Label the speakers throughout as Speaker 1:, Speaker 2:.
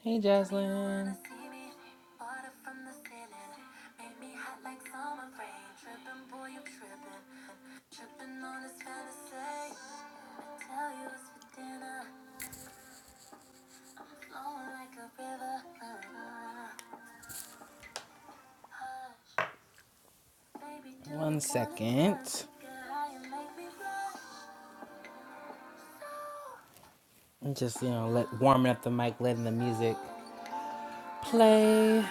Speaker 1: Hey, Jaslyn. One second. Just, you know, let warming up the mic, letting the music play. Let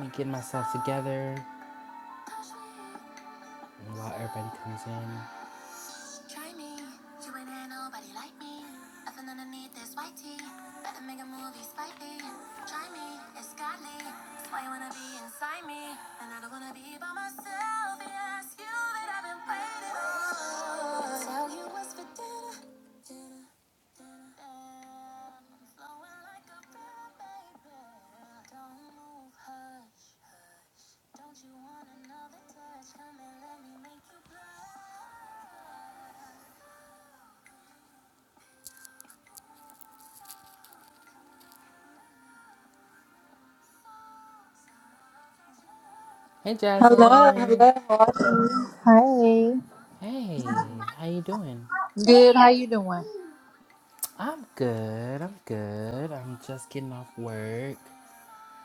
Speaker 1: me get myself together while everybody comes in. Hey,
Speaker 2: Hello,
Speaker 1: Jaslyn.
Speaker 2: hello.
Speaker 1: Hey, how you doing? I'm good. I'm good. I'm just getting off work.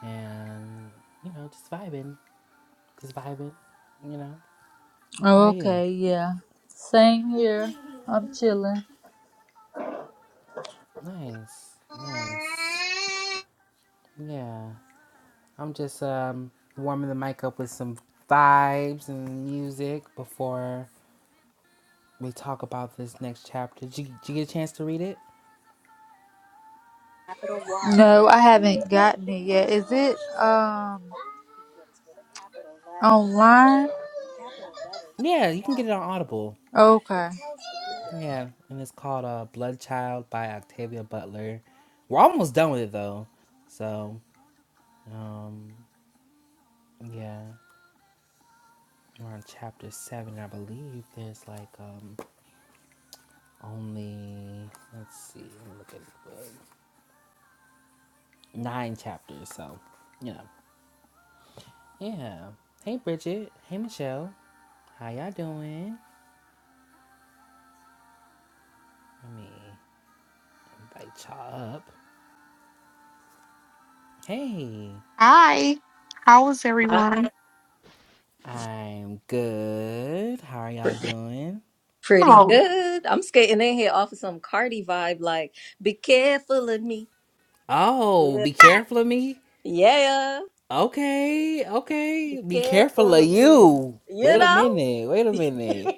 Speaker 1: and you know, just vibing, just vibing. You know,
Speaker 2: Oh,
Speaker 1: how are you?
Speaker 2: okay, yeah. Same here. I'm chilling.
Speaker 1: Nice, nice. Yeah, I'm just um warming the mic up with some vibes and music before we talk about this next chapter. Did you, did you get a chance to read it?
Speaker 2: No, I haven't gotten it yet. Is it um online?
Speaker 1: Yeah, you can get it on Audible.
Speaker 2: Okay.
Speaker 1: Yeah, and it's called uh, Blood Child by Octavia Butler. We're almost done with it though, so um, yeah. we're on chapter seven, I believe. There's like um only let's see, I'm looking for nine chapters, so you know. Yeah. Hey Bridget. Hey Michelle. How y'all doing? Let me invite y'all up. Hey.
Speaker 3: Hi, how is
Speaker 4: I-
Speaker 3: everyone?
Speaker 1: I'm good. How are y'all doing?
Speaker 4: Pretty
Speaker 3: Oh,
Speaker 4: good. I'm skating in here off of some Cardi vibe, like "Be careful of me."
Speaker 1: Oh,
Speaker 4: Yeah,
Speaker 1: be careful of me.
Speaker 4: yeah.
Speaker 1: Okay,
Speaker 4: Be
Speaker 1: okay. Be careful
Speaker 4: careful
Speaker 1: of
Speaker 4: of me.
Speaker 1: you.
Speaker 4: You
Speaker 1: Wait a
Speaker 4: know,
Speaker 1: minute. Wait a minute.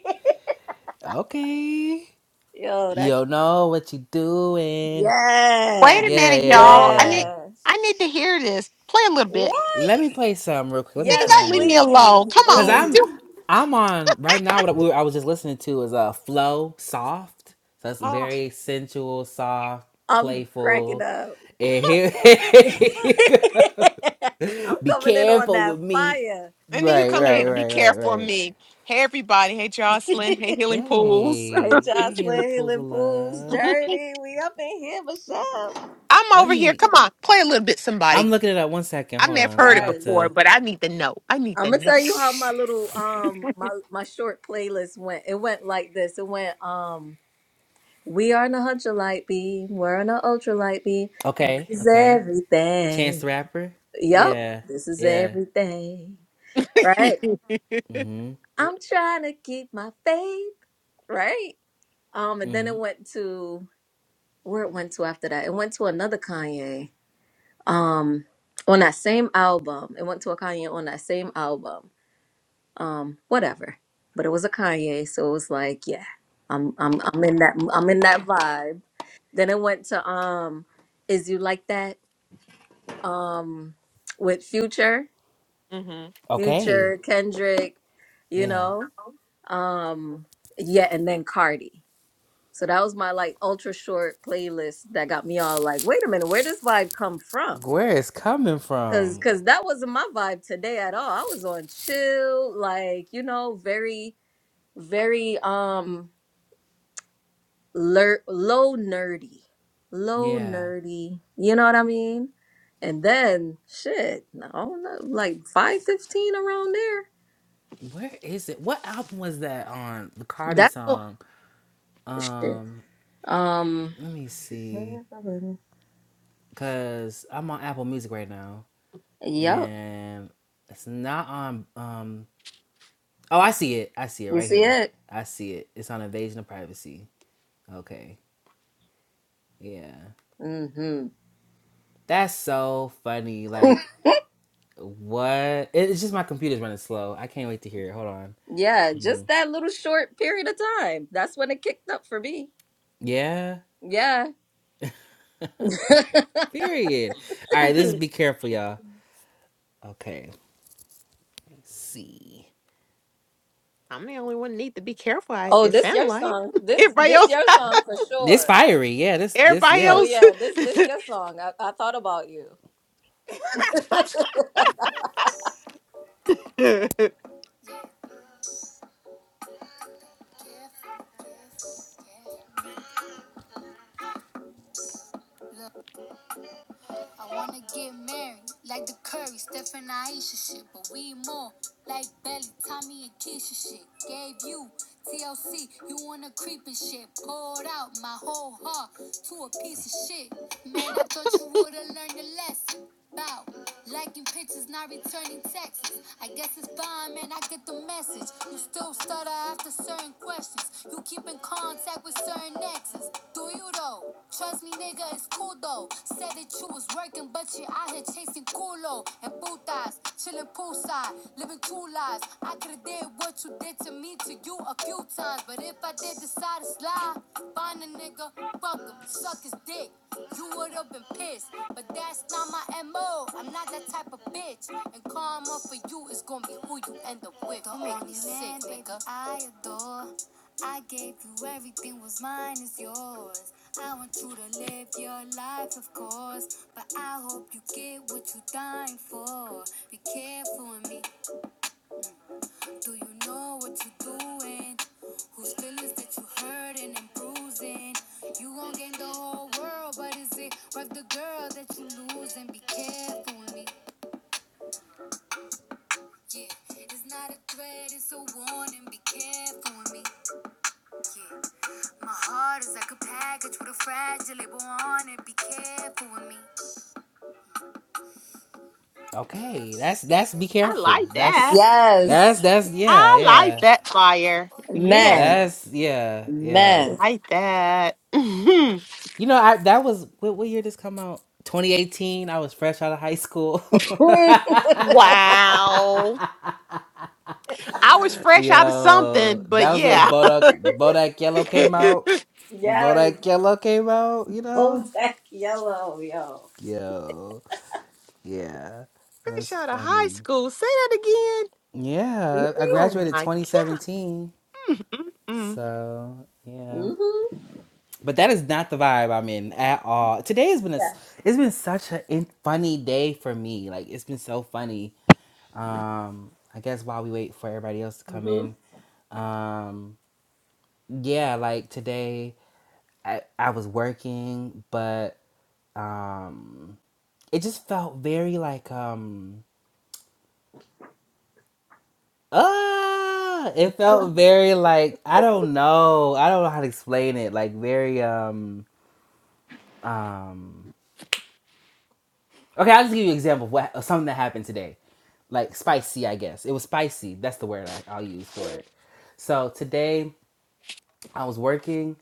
Speaker 1: Okay.
Speaker 4: yo,
Speaker 1: You
Speaker 4: that.
Speaker 1: don't know what you doing.
Speaker 4: Yeah,
Speaker 3: wait a
Speaker 1: Yeah,
Speaker 3: minute,
Speaker 1: yeah, yeah,
Speaker 3: y'all. I need
Speaker 1: yeah.
Speaker 4: yeah.
Speaker 3: I need to hear this. Play a little bit.
Speaker 4: What?
Speaker 1: Let me play some real quick. Let me
Speaker 3: Then you
Speaker 4: Yes,
Speaker 3: gotta
Speaker 1: find
Speaker 3: leave me
Speaker 1: it.
Speaker 4: please,
Speaker 3: alone. Come
Speaker 1: Cause
Speaker 3: on.
Speaker 1: I'm
Speaker 4: please.
Speaker 1: I'm on right now
Speaker 3: Do-
Speaker 1: what we were, I was just listening to is uh flow soft. So that's
Speaker 3: oh,
Speaker 1: very sensual, soft,
Speaker 4: I'm cracking
Speaker 1: playful.
Speaker 4: up.
Speaker 1: And here, here you go.
Speaker 4: I'm
Speaker 1: Be
Speaker 4: coming in on
Speaker 1: careful
Speaker 4: that
Speaker 1: with me.
Speaker 4: fire,
Speaker 3: and then you
Speaker 1: Right,
Speaker 3: come
Speaker 1: right,
Speaker 3: in.
Speaker 4: yo.
Speaker 3: Be
Speaker 1: right, right,
Speaker 3: careful of
Speaker 1: right.
Speaker 3: me. Hey, everybody. Hey, Jocelyn. Hey, Healing Pools.
Speaker 4: Hey,
Speaker 1: Yay. Hey Hela
Speaker 4: Jocelyn,
Speaker 1: Pools
Speaker 4: Healing
Speaker 1: of
Speaker 4: Fools
Speaker 1: Love.
Speaker 3: I'm
Speaker 4: Journey. We up in here, Michelle.
Speaker 1: Let
Speaker 3: over here.
Speaker 1: me
Speaker 3: Come on, play a little bit. Somebody.
Speaker 1: I'm looking it up one second.
Speaker 3: I may
Speaker 1: Hold
Speaker 3: have
Speaker 1: on. I'm
Speaker 3: heard it
Speaker 1: about
Speaker 4: Yes.
Speaker 3: before,
Speaker 1: to
Speaker 3: but I need to know. I need
Speaker 4: I'm
Speaker 3: to
Speaker 4: gonna
Speaker 3: know.
Speaker 4: tell you how my little um my my short playlist went. It went like this. It went um we are in a ultralight beam. We're in a ultralight beam. This
Speaker 1: Okay,
Speaker 4: is
Speaker 1: okay. Chance
Speaker 4: everything.
Speaker 1: the Rapper.
Speaker 4: Yup.
Speaker 1: Yeah,
Speaker 4: This is
Speaker 1: yeah.
Speaker 4: everything. Right.
Speaker 1: Mm-hmm.
Speaker 4: I'm trying to keep my faith. Right. Um. And then
Speaker 1: Mm-hmm.
Speaker 4: it went to where it went to after that. It went to another Kanye. um on that same album it went to a kanye on that same album um whatever but it was a kanye so it was like yeah i'm i'm i'm in that i'm in that vibe then it went to um is you like that um with future
Speaker 3: hmm
Speaker 1: Okay.
Speaker 4: future kendrick you
Speaker 1: Yeah.
Speaker 4: know um yeah and then cardi so that was my like ultra short playlist that got me all like wait a minute where does vibe come from
Speaker 1: Where is coming
Speaker 4: Cause,
Speaker 1: from?
Speaker 4: cause that wasn't my vibe today at all. I was on chill, like you know, very, very um, ler- low nerdy, low
Speaker 1: Yeah.
Speaker 4: nerdy. You know what I mean? And then shit, I don't know, like five fifteen around there.
Speaker 1: Where is it? What album was that on the Cardi
Speaker 4: That's all-
Speaker 1: song?
Speaker 4: shit.
Speaker 1: Um,
Speaker 4: Um,
Speaker 1: let me see. Cause I'm on Apple Music right now,
Speaker 4: yep.
Speaker 1: and it's not on. Um. Oh, I see it. I see it
Speaker 4: You
Speaker 1: right
Speaker 4: see
Speaker 1: here.
Speaker 4: it?
Speaker 1: I see it. It's on Invasion of Privacy. Okay. Yeah.
Speaker 4: Mm-hmm.
Speaker 1: That's so funny. Like What? It's just my computer's running slow. I can't wait to hear it. Hold on.
Speaker 4: Yeah,
Speaker 1: Let
Speaker 4: just
Speaker 1: me.
Speaker 4: that little short period of time. That's when it kicked up for me.
Speaker 1: Yeah.
Speaker 4: Yeah.
Speaker 1: Period. All right. This is
Speaker 3: I'm
Speaker 1: be careful, y'all. Okay. Let's see.
Speaker 3: the only one need to be careful. I,
Speaker 4: Oh,
Speaker 3: it
Speaker 4: this
Speaker 3: sounds
Speaker 4: your
Speaker 3: like
Speaker 4: song. This
Speaker 3: everybody
Speaker 4: this
Speaker 3: else.
Speaker 4: your song for
Speaker 1: This
Speaker 4: sure.
Speaker 1: fiery. Yeah. This. This.
Speaker 3: Everybody
Speaker 4: Oh
Speaker 1: Yeah.
Speaker 3: else.
Speaker 4: yeah, this this your song. I, I thought about you.
Speaker 3: I
Speaker 1: Taking pictures, not returning texts. I guess it's fine, man. I get the message. You still stutter after certain questions. You keep in contact with certain exes. Do you though? Trust me, nigga, it's cool though. Said that you was working, but you out here chasing culo and putas, chilling poolside, living two lives. I could've did what you did to me to you a few times, but if I did decide to slide, find a nigga, fuck him, suck his dick. You would've been pissed, but that's not my MO. I'm not that type of bitch. And karma for you is gonna be who you end up with. Don't make nigga. I adore. I gave you everything, was mine is yours. I want you to live your life, of course. But I hope you get what you are dying for. Be careful with me. Do you know what you're doing? Whose feelings that you hurting and bruising? You gon' gain the whole world, but is it worth the girl that you losing? Be careful with me. Yeah, it's not a threat, it's a warning. Be careful with me. Yeah, my heart is like a package with a fragile label on it. Be careful with me. Okay, that's that's be careful.
Speaker 3: like that.
Speaker 1: That's that's
Speaker 4: yes.
Speaker 1: that's yeah,
Speaker 3: I like
Speaker 1: yeah.
Speaker 3: that fire. Yeah,
Speaker 4: Man.
Speaker 1: That's yeah, yeah.
Speaker 3: I
Speaker 4: Man.
Speaker 3: like that. Mhm.
Speaker 1: You know, I that was what, what year this come out? 2018. I was fresh out of high school.
Speaker 3: wow. I was fresh out of something,
Speaker 1: Yo,
Speaker 3: but
Speaker 1: that was when
Speaker 3: yeah.
Speaker 1: Bodak Bodak Yellow came out.
Speaker 3: fresh
Speaker 4: yes.
Speaker 1: Bodak Yellow came out. You know.
Speaker 4: Old Jack Yellow, yo.
Speaker 1: Yo, yeah, that's
Speaker 3: out of high
Speaker 1: funny.
Speaker 3: school. Say that again.
Speaker 1: Yeah, I
Speaker 4: Mm-hmm.
Speaker 3: Oh
Speaker 1: graduated
Speaker 3: my God.
Speaker 1: 2017.
Speaker 3: Mm-mm.
Speaker 1: So yeah,
Speaker 4: Mm-hmm.
Speaker 1: but that is not the vibe I'm in at all. Today has been a s-
Speaker 4: Yeah.
Speaker 1: it's been such a in- funny day for me. Like it's been so funny um i guess while we wait for everybody else to come
Speaker 4: Mm-hmm.
Speaker 1: in um yeah like today i i was working but um it just felt very like um ah it felt very like i don't know i don't know how to explain it like very um um okay i'll just give you an example of what of something that happened today like spicy i guess it was spicy that's the word I, i'll use for it so today I was working,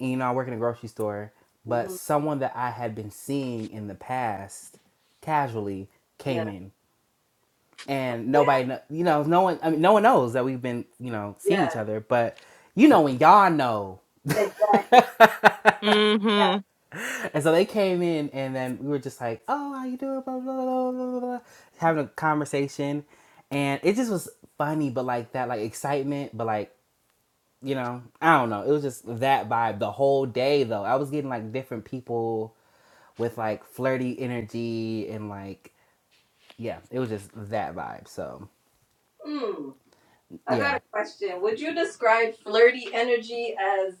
Speaker 1: and, you know, I work in a grocery store, but
Speaker 4: Mm-hmm.
Speaker 1: someone that I had been seeing in the past casually
Speaker 4: Yeah.
Speaker 1: came in, and nobody, kn- you know, no one, I mean, no one knows that we've been, you know, seeing each
Speaker 4: Yeah.
Speaker 1: other, but you know, when y'all know.
Speaker 4: Exactly.
Speaker 1: and
Speaker 4: Yeah.
Speaker 3: Mm-hmm.
Speaker 1: so they came in, and then we were just like, "Oh, how you doing?" Blah blah blah blah blah, blah. having a conversation, and it just was funny, but like that, like excitement, but like you know, I don't know. It was just that vibe the whole day though. I was getting like different people with like flirty energy and like yeah, it was just that vibe. So
Speaker 4: Hmm. I got
Speaker 1: yeah,
Speaker 4: a question. Would you describe flirty energy as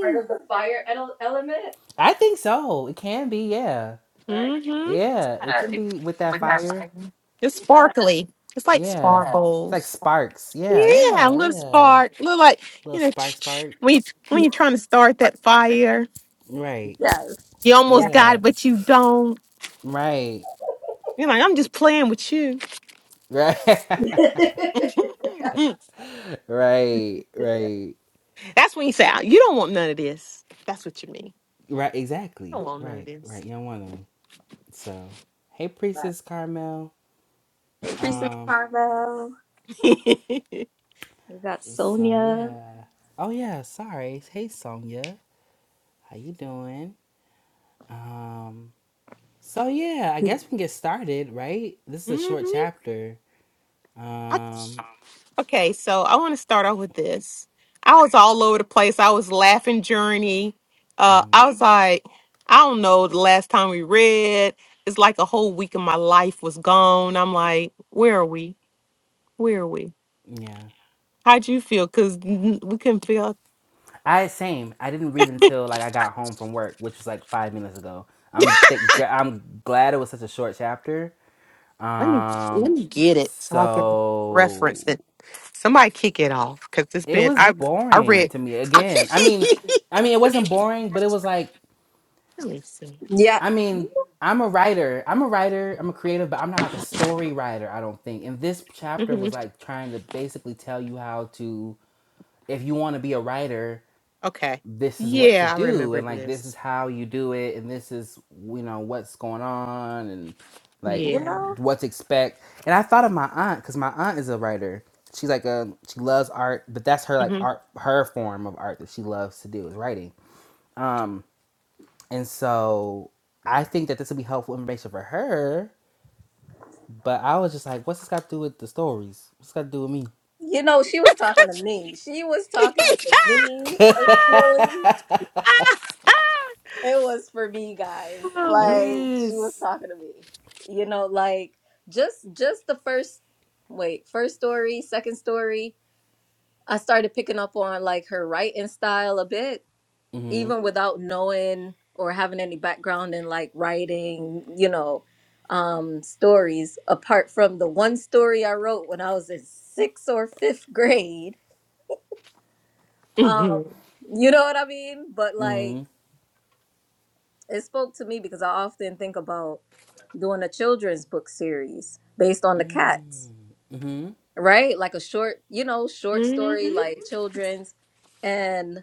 Speaker 4: part of the fire ele- element?
Speaker 1: I think so. It can be yeah,
Speaker 4: Right?
Speaker 3: Mm-hmm.
Speaker 1: yeah. It can be with that fire.
Speaker 3: It's sparkly. It's like
Speaker 1: Yeah, it's like
Speaker 3: sparkles.
Speaker 1: sparks. Yeah,
Speaker 3: Yeah, a
Speaker 1: yeah,
Speaker 3: little
Speaker 1: yeah.
Speaker 3: spark. Little like,
Speaker 1: Little
Speaker 3: you know,
Speaker 1: spark, spark.
Speaker 3: when, you, when you're trying to start that fire,
Speaker 1: Right.
Speaker 4: Yes,
Speaker 3: you
Speaker 4: yes.
Speaker 3: almost got
Speaker 1: Yeah.
Speaker 3: it, but you don't.
Speaker 1: Right.
Speaker 3: You're like, I'm just playing with you.
Speaker 1: Right. right. Right.
Speaker 3: That's when you say, "Ah, you don't want none of this. That's what you mean.
Speaker 1: Right.
Speaker 3: I don't
Speaker 1: Exactly.
Speaker 3: want none of
Speaker 1: Right.
Speaker 3: this.
Speaker 1: Right. You don't want to. So, hey,
Speaker 4: But
Speaker 1: Priestess Carmel.
Speaker 4: Princess
Speaker 1: Um,
Speaker 4: Carmel. We got
Speaker 1: so
Speaker 4: Sonia.
Speaker 1: yeah. Oh yeah, sorry. Hey, Sonia. How you doing? Um, so yeah, I guess we can get started, right? This is a short
Speaker 3: Mhm.
Speaker 1: chapter. Um,
Speaker 3: Okay, so I want to start off with this. I was all over the place. I was laughing journey. Uh,
Speaker 1: mhm,
Speaker 3: I was like, I don't know, the last time we read, it's like a whole week of my life was gone. I'm like, where are we? Where are we?
Speaker 1: yeah.
Speaker 3: How'd you feel? Because we couldn't feel.
Speaker 1: I same. I didn't read until like I got home from work, which was like five minutes ago. I'm th- gra- I'm glad it was such a short chapter.
Speaker 3: Let me let
Speaker 1: Um,
Speaker 3: me get it so I can reference
Speaker 1: so
Speaker 3: it. Somebody kick it off because it's
Speaker 1: it
Speaker 3: been
Speaker 1: was
Speaker 3: I I
Speaker 1: boring
Speaker 3: read.
Speaker 1: to me
Speaker 3: let
Speaker 1: again i mean i mean it wasn't boring but it was like
Speaker 3: me see.
Speaker 4: Yeah,
Speaker 1: i mean
Speaker 4: You,
Speaker 1: i'm a writer i'm a writer i'm a creative but i'm not like a story writer i don't think and this chapter
Speaker 3: hmm
Speaker 1: was like trying to basically tell you how to if you want to be a writer
Speaker 3: Okay.
Speaker 1: this is what to
Speaker 3: Yeah, I
Speaker 1: do
Speaker 3: remember
Speaker 1: and like this is
Speaker 3: this.
Speaker 1: how you do it and this is you know what's going on and like
Speaker 4: you
Speaker 3: Yeah.
Speaker 4: know,
Speaker 1: what to expect and i thought of my aunt because my aunt is a writer she's like a she loves art but that's her like
Speaker 3: hmm
Speaker 1: art her form of art that she loves to do is writing um and so i think that this would be helpful information for her but i was just like what's this got to do with the stories what's this got to do with me
Speaker 4: you know, she was talking to me. She was talking to me personally. It was for me, guys.
Speaker 3: oh my god.
Speaker 4: Like she was
Speaker 1: yes
Speaker 4: talking to me. You know, like just just the first wait, first story, second story. I started picking up on like her writing style a bit,
Speaker 1: mm-hmm
Speaker 4: even without knowing or having any background in like writing, you know, um, stories, apart from the one story I wrote when I was in sixth or fifth grade.
Speaker 3: hmm
Speaker 4: Um, you know what I mean? But like
Speaker 1: mm-hmm
Speaker 4: it spoke to me because I often think about doing a children's book series based on the cats,
Speaker 1: mm-hmm Mm-hmm.
Speaker 4: right? Like a short, you know, short
Speaker 3: hmm
Speaker 4: story, like children's. and.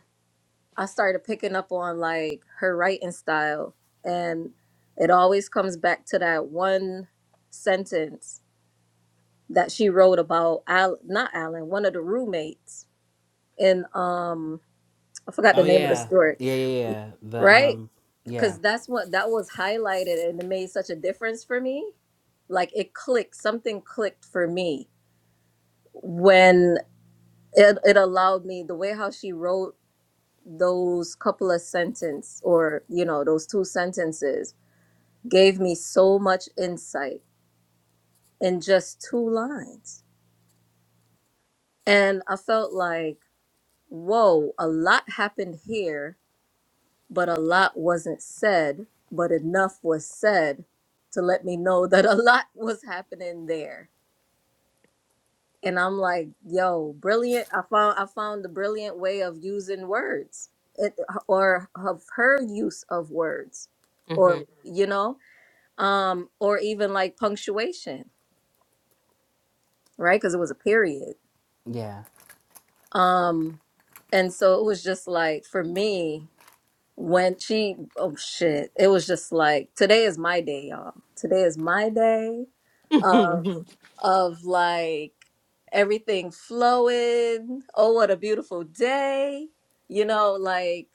Speaker 4: I started picking up on like her writing style and it always comes back to that one sentence that she wrote about Al not Alan, one of the roommates in um I forgot the
Speaker 1: Oh
Speaker 4: name of the
Speaker 1: yeah,
Speaker 4: story.
Speaker 1: yeah, yeah, yeah. The
Speaker 4: Right?
Speaker 1: um,
Speaker 4: Cuz
Speaker 1: yeah,
Speaker 4: that's what that was highlighted and it made such a difference for me. Like it clicked, something clicked for me when it, it allowed me the way how she wrote those couple of sentences, or you know those two sentences gave me so much insight in just two lines and i felt like whoa a lot happened here but a lot wasn't said but enough was said to let me know that a lot was happening there and i'm like yo brilliant i found i found the brilliant way of using words it, or of her use of words
Speaker 3: hmm
Speaker 4: or you know um or even like punctuation right because it was a period
Speaker 1: yeah.
Speaker 4: um and so it was just like for me when she oh shit it was just like today is my day y'all today is my day of
Speaker 3: hmm
Speaker 4: of like everything flowing oh what a beautiful day you know like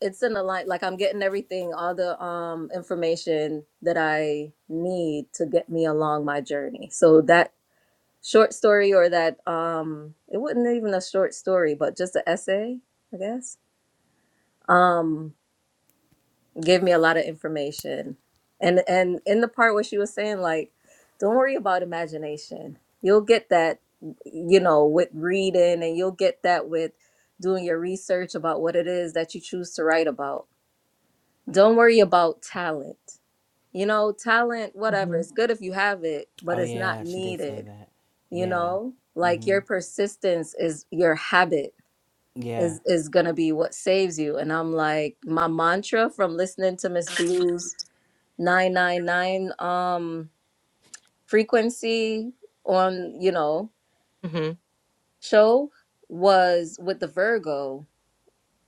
Speaker 4: it's in the line like i'm getting everything all the um information that i need to get me along my journey so that short story or that um it wasn't even a short story but just an essay i guess um gave me a lot of information and and in the part where she was saying like don't worry about imagination you'll get that you know with reading and you'll get that with doing your research about what it is that you choose to write about don't worry about talent you know talent whatever
Speaker 3: hmm
Speaker 4: it's good if you have it but
Speaker 1: Oh
Speaker 4: it's not
Speaker 1: yeah, she did say
Speaker 4: needed
Speaker 1: that.
Speaker 4: you
Speaker 1: Yeah.
Speaker 4: know like your
Speaker 1: Mhm.
Speaker 4: persistence is your habit
Speaker 1: Yeah.
Speaker 4: is is gonna be what saves you and i'm like my mantra from listening to miss blues 999 um frequency on you know show was with the virgo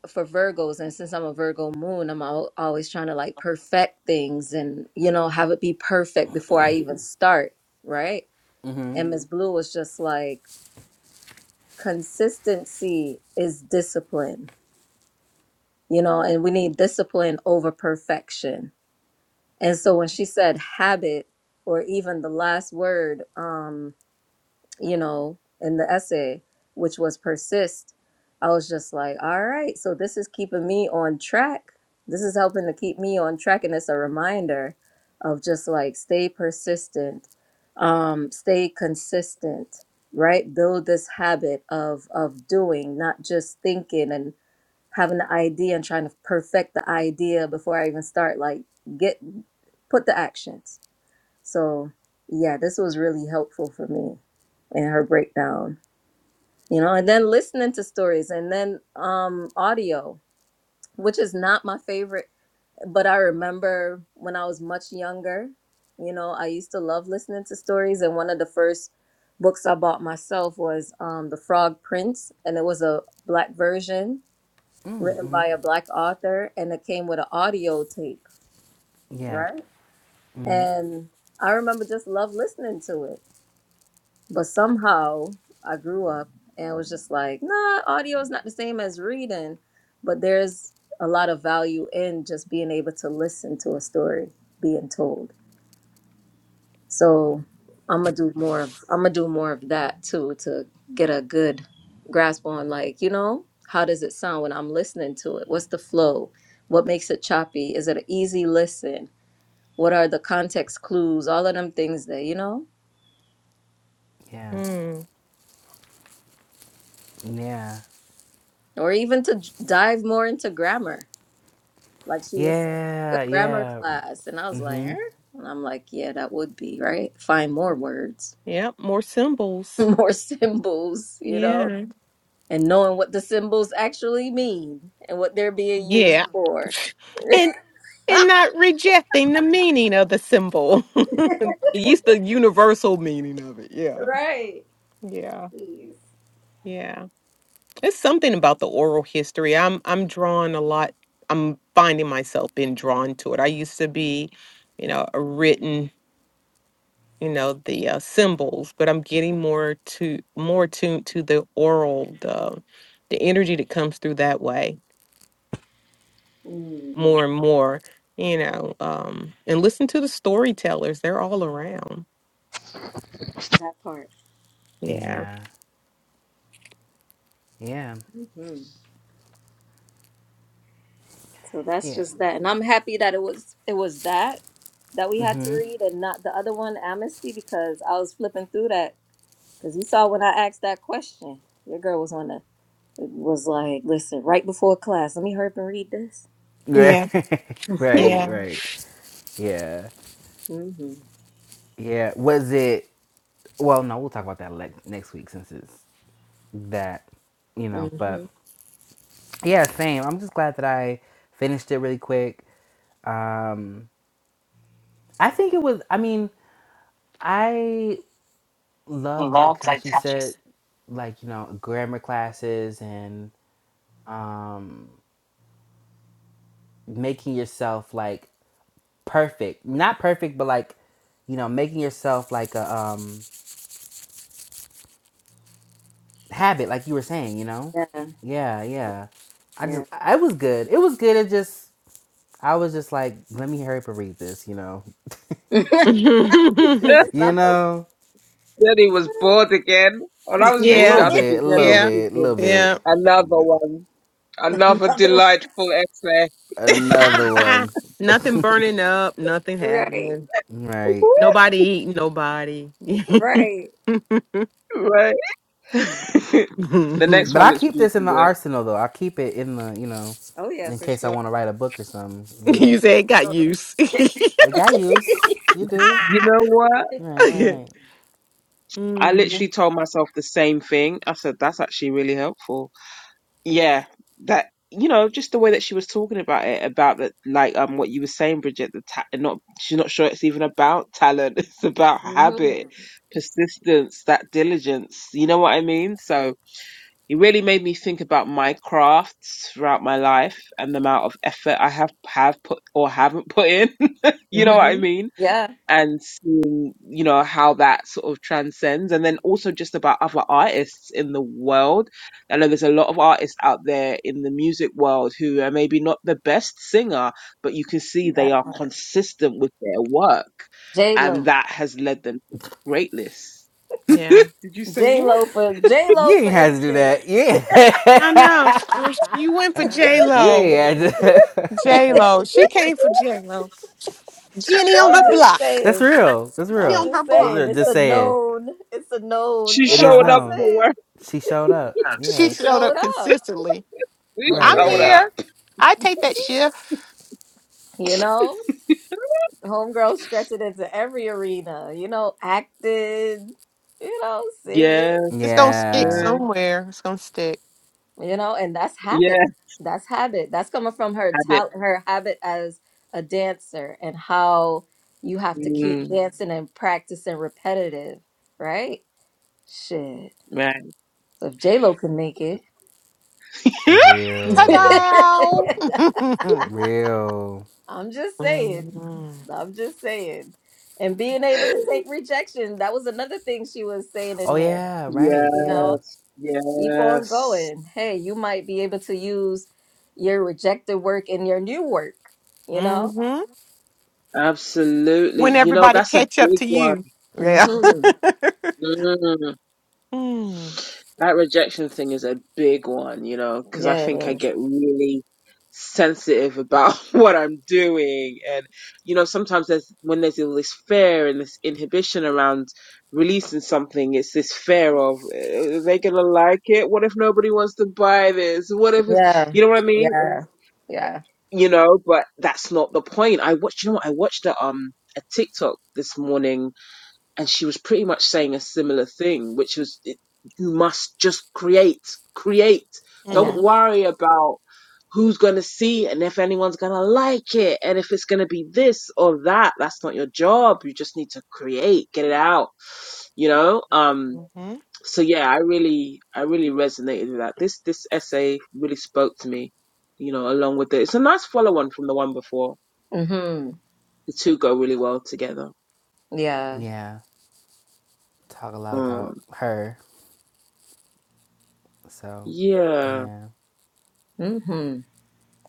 Speaker 4: for virgos and since i'm a virgo moon i'm al- always trying to like perfect things and you know have it be perfect before i even start right
Speaker 1: Mhm.
Speaker 4: and miss blue was just like consistency is discipline, you know, and we need discipline over perfection. And so when she said habit, or even the last word, um, you know, in the essay, which was persist, I was just like, all right, so this is keeping me on track. This is helping to keep me on track. And it's a reminder of just like stay persistent, um, stay consistent, right? Build this habit of of doing, not just thinking and having the idea and trying to perfect the idea before I even start. Like get put the actions. So, yeah, this was really helpful for me in her breakdown, you know, and then listening to stories and then um, audio, which is not my favorite, but I remember when I was much younger, you know, I used to love listening to stories. And one of the first books I bought myself was um, The Frog Prince, and it was a black version written by a black author, and it came with an audio tape,
Speaker 1: Yeah.
Speaker 4: right?
Speaker 1: Mhm.
Speaker 4: And I remember just love listening to it But somehow I grew up and was just like, nah, audio is not the same as reading. But there's a lot of value in just being able to listen to a story being told. So I'm gonna do more of I'm gonna do more of that too to get a good grasp on like, you know, how does it sound when I'm listening to it? What's the flow? What makes it choppy? Is it an easy listen? What are the context clues? All of them things that, you know,
Speaker 1: Yeah.
Speaker 3: hmm
Speaker 1: Yeah.
Speaker 4: or even to j- dive more into grammar Like she was saying, a
Speaker 1: Yeah.
Speaker 4: grammar
Speaker 1: Yeah.
Speaker 4: class. And I was like, eh?
Speaker 1: Mhm.
Speaker 4: And I'm like, yeah, that would be, right? Find more words,
Speaker 3: Yep. More symbols.
Speaker 4: more symbols, you know,
Speaker 3: Yeah.
Speaker 4: and knowing what the symbols actually mean and what they're being
Speaker 3: Yeah.
Speaker 4: used for.
Speaker 3: and and not rejecting the meaning of the symbol. It's the universal meaning of it. Yeah.
Speaker 4: right.
Speaker 3: Yeah.
Speaker 4: Jeez.
Speaker 3: Yeah. It's something about the oral history. I'm I'm drawn a lot. I'm finding myself being drawn to it. I used to be, you know, a written, you know, the uh, symbols, but I'm getting more to more tuned to the oral, the the energy that comes through that way
Speaker 4: Mm,
Speaker 3: more and more, you know, um, and listen to the storytellers. They're all around.
Speaker 4: that part.
Speaker 3: Yeah.
Speaker 1: Yeah. Yeah.
Speaker 4: hmm So that's
Speaker 1: Yeah.
Speaker 4: just that. And I'm happy that it was it was that that we had to
Speaker 1: Mhm.
Speaker 4: read and not the other one, Amnesty, because I was flipping through that because you saw when I asked that question, your girl was on the was like, listen, right before class, let me hurry up and read this.
Speaker 1: Right.
Speaker 3: Yeah.
Speaker 1: right.
Speaker 3: Yeah.
Speaker 1: Right. Yeah.
Speaker 4: hmm
Speaker 1: Yeah. Was it? Well, no. We'll talk about that le- next week since it's that, you know. But
Speaker 4: hmm
Speaker 1: yeah, same. I'm just glad that I finished it really quick. um i think it was i mean i loved like how she said like you know grammar classes and um making yourself like perfect not perfect but like you know making yourself like a um habit like you were saying you know
Speaker 4: Yeah,
Speaker 1: yeah yeah i
Speaker 4: yeah.
Speaker 1: just i was good it was good it just i was just like let me hurry up and read this you know
Speaker 4: It's
Speaker 5: then
Speaker 4: a
Speaker 1: you
Speaker 4: something.
Speaker 1: know
Speaker 5: he was bored again. When I was
Speaker 1: a
Speaker 5: reading
Speaker 3: yeah. Yeah.
Speaker 1: little
Speaker 5: that week, he
Speaker 1: bit a
Speaker 5: said he
Speaker 1: little
Speaker 5: was
Speaker 3: Yeah.
Speaker 1: bit a little
Speaker 5: thinking,
Speaker 1: bit
Speaker 5: another one, another
Speaker 4: Another one.
Speaker 5: delightful essay.
Speaker 1: another one
Speaker 3: nothing burning up, nothing
Speaker 4: Right,
Speaker 3: happening.
Speaker 1: right
Speaker 3: Nobody eating nobody. you
Speaker 4: right.
Speaker 5: right? the next
Speaker 1: But
Speaker 5: one
Speaker 1: I
Speaker 5: looks
Speaker 1: keep
Speaker 5: juicy
Speaker 1: this in the
Speaker 5: though.
Speaker 1: arsenal though. I keep it in the you know,
Speaker 4: Oh yeah,
Speaker 1: in
Speaker 4: for
Speaker 1: case I
Speaker 4: sure.
Speaker 1: want to write a book or something. You know,
Speaker 3: say it got use.
Speaker 1: it got use. You do.
Speaker 5: You know what?
Speaker 1: Right, right, right.
Speaker 5: I
Speaker 3: mm-hmm.
Speaker 5: literally told myself the same thing. I said, that's actually really helpful. yeah, that you know, just the way that she was talking about it, about that, like um, what you were saying, Bridget, the ta- not she's not sure it's even about talent, it's about
Speaker 4: mm-hmm.
Speaker 5: habit, persistence, that diligence. You know what I mean? So it really made me think about my crafts throughout my life and the amount of effort I have have put or haven't put in. you
Speaker 4: hmm
Speaker 5: know what I mean?
Speaker 4: Yeah,
Speaker 5: and seeing you know how that sort of transcends and then also just about other artists in the world i know there's a lot of artists out there in the music world who are maybe not the best singer but you can see
Speaker 4: that
Speaker 5: they are
Speaker 4: part.
Speaker 5: consistent with their work
Speaker 4: J
Speaker 5: and
Speaker 4: Lo,
Speaker 5: that has led them to greatness
Speaker 3: Yeah.
Speaker 5: did you say
Speaker 4: J
Speaker 5: what
Speaker 4: Lo for J Lo,
Speaker 1: You
Speaker 4: for
Speaker 1: ain't had to do
Speaker 4: instance.
Speaker 1: that.
Speaker 3: I know.
Speaker 1: Yeah.
Speaker 3: You went for J
Speaker 1: you
Speaker 3: Lo.
Speaker 1: ain't had
Speaker 3: J
Speaker 1: to.
Speaker 3: Lo. She came for J Lo. Jenny on the
Speaker 4: I'm just
Speaker 3: block.
Speaker 1: That's
Speaker 4: saying.
Speaker 1: real. That's
Speaker 3: She
Speaker 4: I'm
Speaker 1: real.
Speaker 3: on her
Speaker 4: just
Speaker 1: That's
Speaker 3: block.
Speaker 4: saying.
Speaker 1: real.
Speaker 4: It's
Speaker 1: Just
Speaker 4: a
Speaker 1: saying.
Speaker 4: known. It's a known.
Speaker 5: she
Speaker 4: You
Speaker 1: It
Speaker 4: know
Speaker 1: is
Speaker 4: what
Speaker 5: showed up
Speaker 4: I'm
Speaker 1: known.
Speaker 5: for
Speaker 4: saying?
Speaker 5: work
Speaker 1: She showed up.
Speaker 3: She
Speaker 4: She
Speaker 1: Yeah.
Speaker 3: showed
Speaker 4: showed
Speaker 3: up
Speaker 4: up
Speaker 3: consistently.
Speaker 5: she
Speaker 4: for
Speaker 1: Right,
Speaker 3: I'm
Speaker 5: showed
Speaker 1: right.
Speaker 5: up
Speaker 4: real.
Speaker 3: here. I take that shift.
Speaker 4: You know, homegirl stretched it into every arena, you know, acted, you know, singing,
Speaker 5: yeah
Speaker 3: It's gonna stick
Speaker 1: Yeah.
Speaker 5: yeah
Speaker 3: somewhere. It's gonna stick.
Speaker 4: you know, and that's habit.
Speaker 5: yeah
Speaker 4: That's habit. That's coming from her
Speaker 5: had it
Speaker 4: talent, her habit as a dancer and how you have to keep
Speaker 5: mm,
Speaker 4: dancing and practicing repetitive, right? Shit.
Speaker 5: right
Speaker 4: So if J-Lo can make it,
Speaker 1: Real.
Speaker 3: Ta-da!
Speaker 1: Real.
Speaker 4: I'm just saying.
Speaker 3: mm-hmm.
Speaker 4: I'm just saying. And being able to take rejection, that was another thing she was saying
Speaker 1: Oh
Speaker 4: in there.
Speaker 1: yeah, right.
Speaker 4: You know,
Speaker 1: Yeah.
Speaker 5: yes
Speaker 4: keep on
Speaker 5: yes
Speaker 4: going. Hey, you might be able to use your rejected work in your new work, you know?
Speaker 5: Absolutely.
Speaker 3: When
Speaker 5: You know,
Speaker 3: everybody
Speaker 5: that's a
Speaker 3: catch up
Speaker 5: big
Speaker 3: to
Speaker 5: one.
Speaker 3: you. Yeah.
Speaker 4: Mm-hmm.
Speaker 5: Mm.
Speaker 3: mm-hmm.
Speaker 5: That rejection thing is a big one, you know, because I think I
Speaker 4: Yes.
Speaker 5: get really sensitive about what I'm doing. And, you know, sometimes there's when there's all this fear and this inhibition around releasing something, it's this fear of, "Uh, are they going to like it? What if nobody wants to buy this? What if it's,
Speaker 4: Yeah.
Speaker 5: you know what I mean?
Speaker 4: Yeah.
Speaker 5: It's-
Speaker 4: Yeah.
Speaker 5: You know, but that's not the point. I watched, you know what? I watched a, um, a TikTok this morning and she was pretty much saying a similar thing, which was it, you must just create, create.
Speaker 4: Yeah.
Speaker 5: Don't
Speaker 3: Mm-hmm.
Speaker 5: worry about who's going to see it and if anyone's going to like it and if it's going to be this or that. That's not your job. You just need to create, get it out, you know? Um, so yeah, I really, I really resonated with that. This, this essay really spoke to me, you know, along with it. It's a nice follow on from the one before.
Speaker 4: Mm-hmm.
Speaker 5: The two go really well together.
Speaker 4: Yeah.
Speaker 1: Yeah. Talk a lot about
Speaker 5: Um,
Speaker 1: her. So,
Speaker 5: yeah.
Speaker 1: yeah,
Speaker 4: Mm-hmm.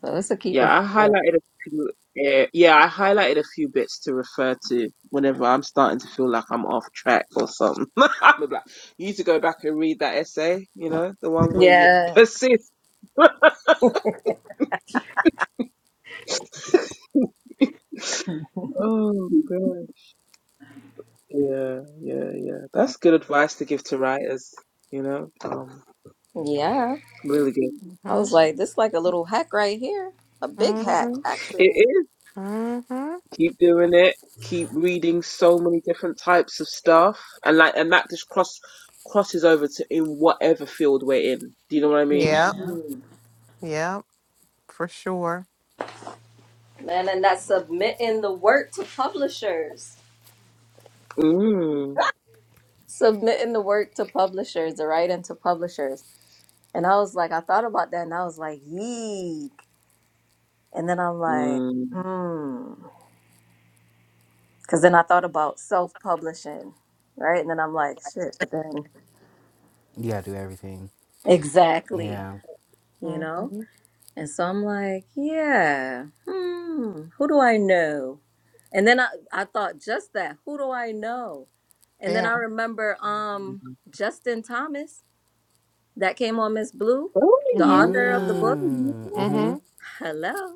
Speaker 4: So it's a
Speaker 5: Yeah,
Speaker 4: keeper. for
Speaker 5: I
Speaker 4: sure.
Speaker 5: highlighted a few. Uh, yeah, I highlighted a few bits to refer to whenever I'm starting to feel like I'm off track or something. I'm like, you need to go back and read that essay. You know, the one where you
Speaker 4: Yeah.
Speaker 5: persist. oh god! Yeah, yeah, yeah. That's good advice to give to writers. You know, um,
Speaker 4: Yeah.
Speaker 5: really good.
Speaker 4: I
Speaker 3: Mm-hmm.
Speaker 4: was like, this like a little hack right here. A big hack,
Speaker 3: Mm-hmm.
Speaker 5: It
Speaker 4: actually.
Speaker 5: is.
Speaker 3: hmm
Speaker 5: keep doing it keep reading so many different types of stuff and like and that just cross crosses over to in whatever field we're in do you know what i mean
Speaker 3: Yeah. Yeah. For sure.
Speaker 4: Man, and that's submitting the work to publishers.
Speaker 5: mm.
Speaker 4: Submitting the work to publishers, the writing to publishers. And I was like, I thought about that and I was like, yeek. And then I'm like,
Speaker 5: Mm.
Speaker 4: hmm. Because then I thought about self publishing, right? And then I'm like, shit, but then.
Speaker 1: you gotta do everything.
Speaker 4: Exactly,
Speaker 1: Yeah.
Speaker 4: you know?
Speaker 3: Mm-hmm.
Speaker 4: And so I'm like, yeah, hmm, who do I know? And then I, I thought just that, who do I know? And then
Speaker 3: Yeah.
Speaker 4: I remember um Justin Thomas that came on Miss Blue,
Speaker 5: oh
Speaker 4: the
Speaker 3: Mm-hmm.
Speaker 4: author of the book.
Speaker 5: yeah
Speaker 1: Mm.
Speaker 3: Mm-hmm.
Speaker 1: Mhm.
Speaker 4: Hello.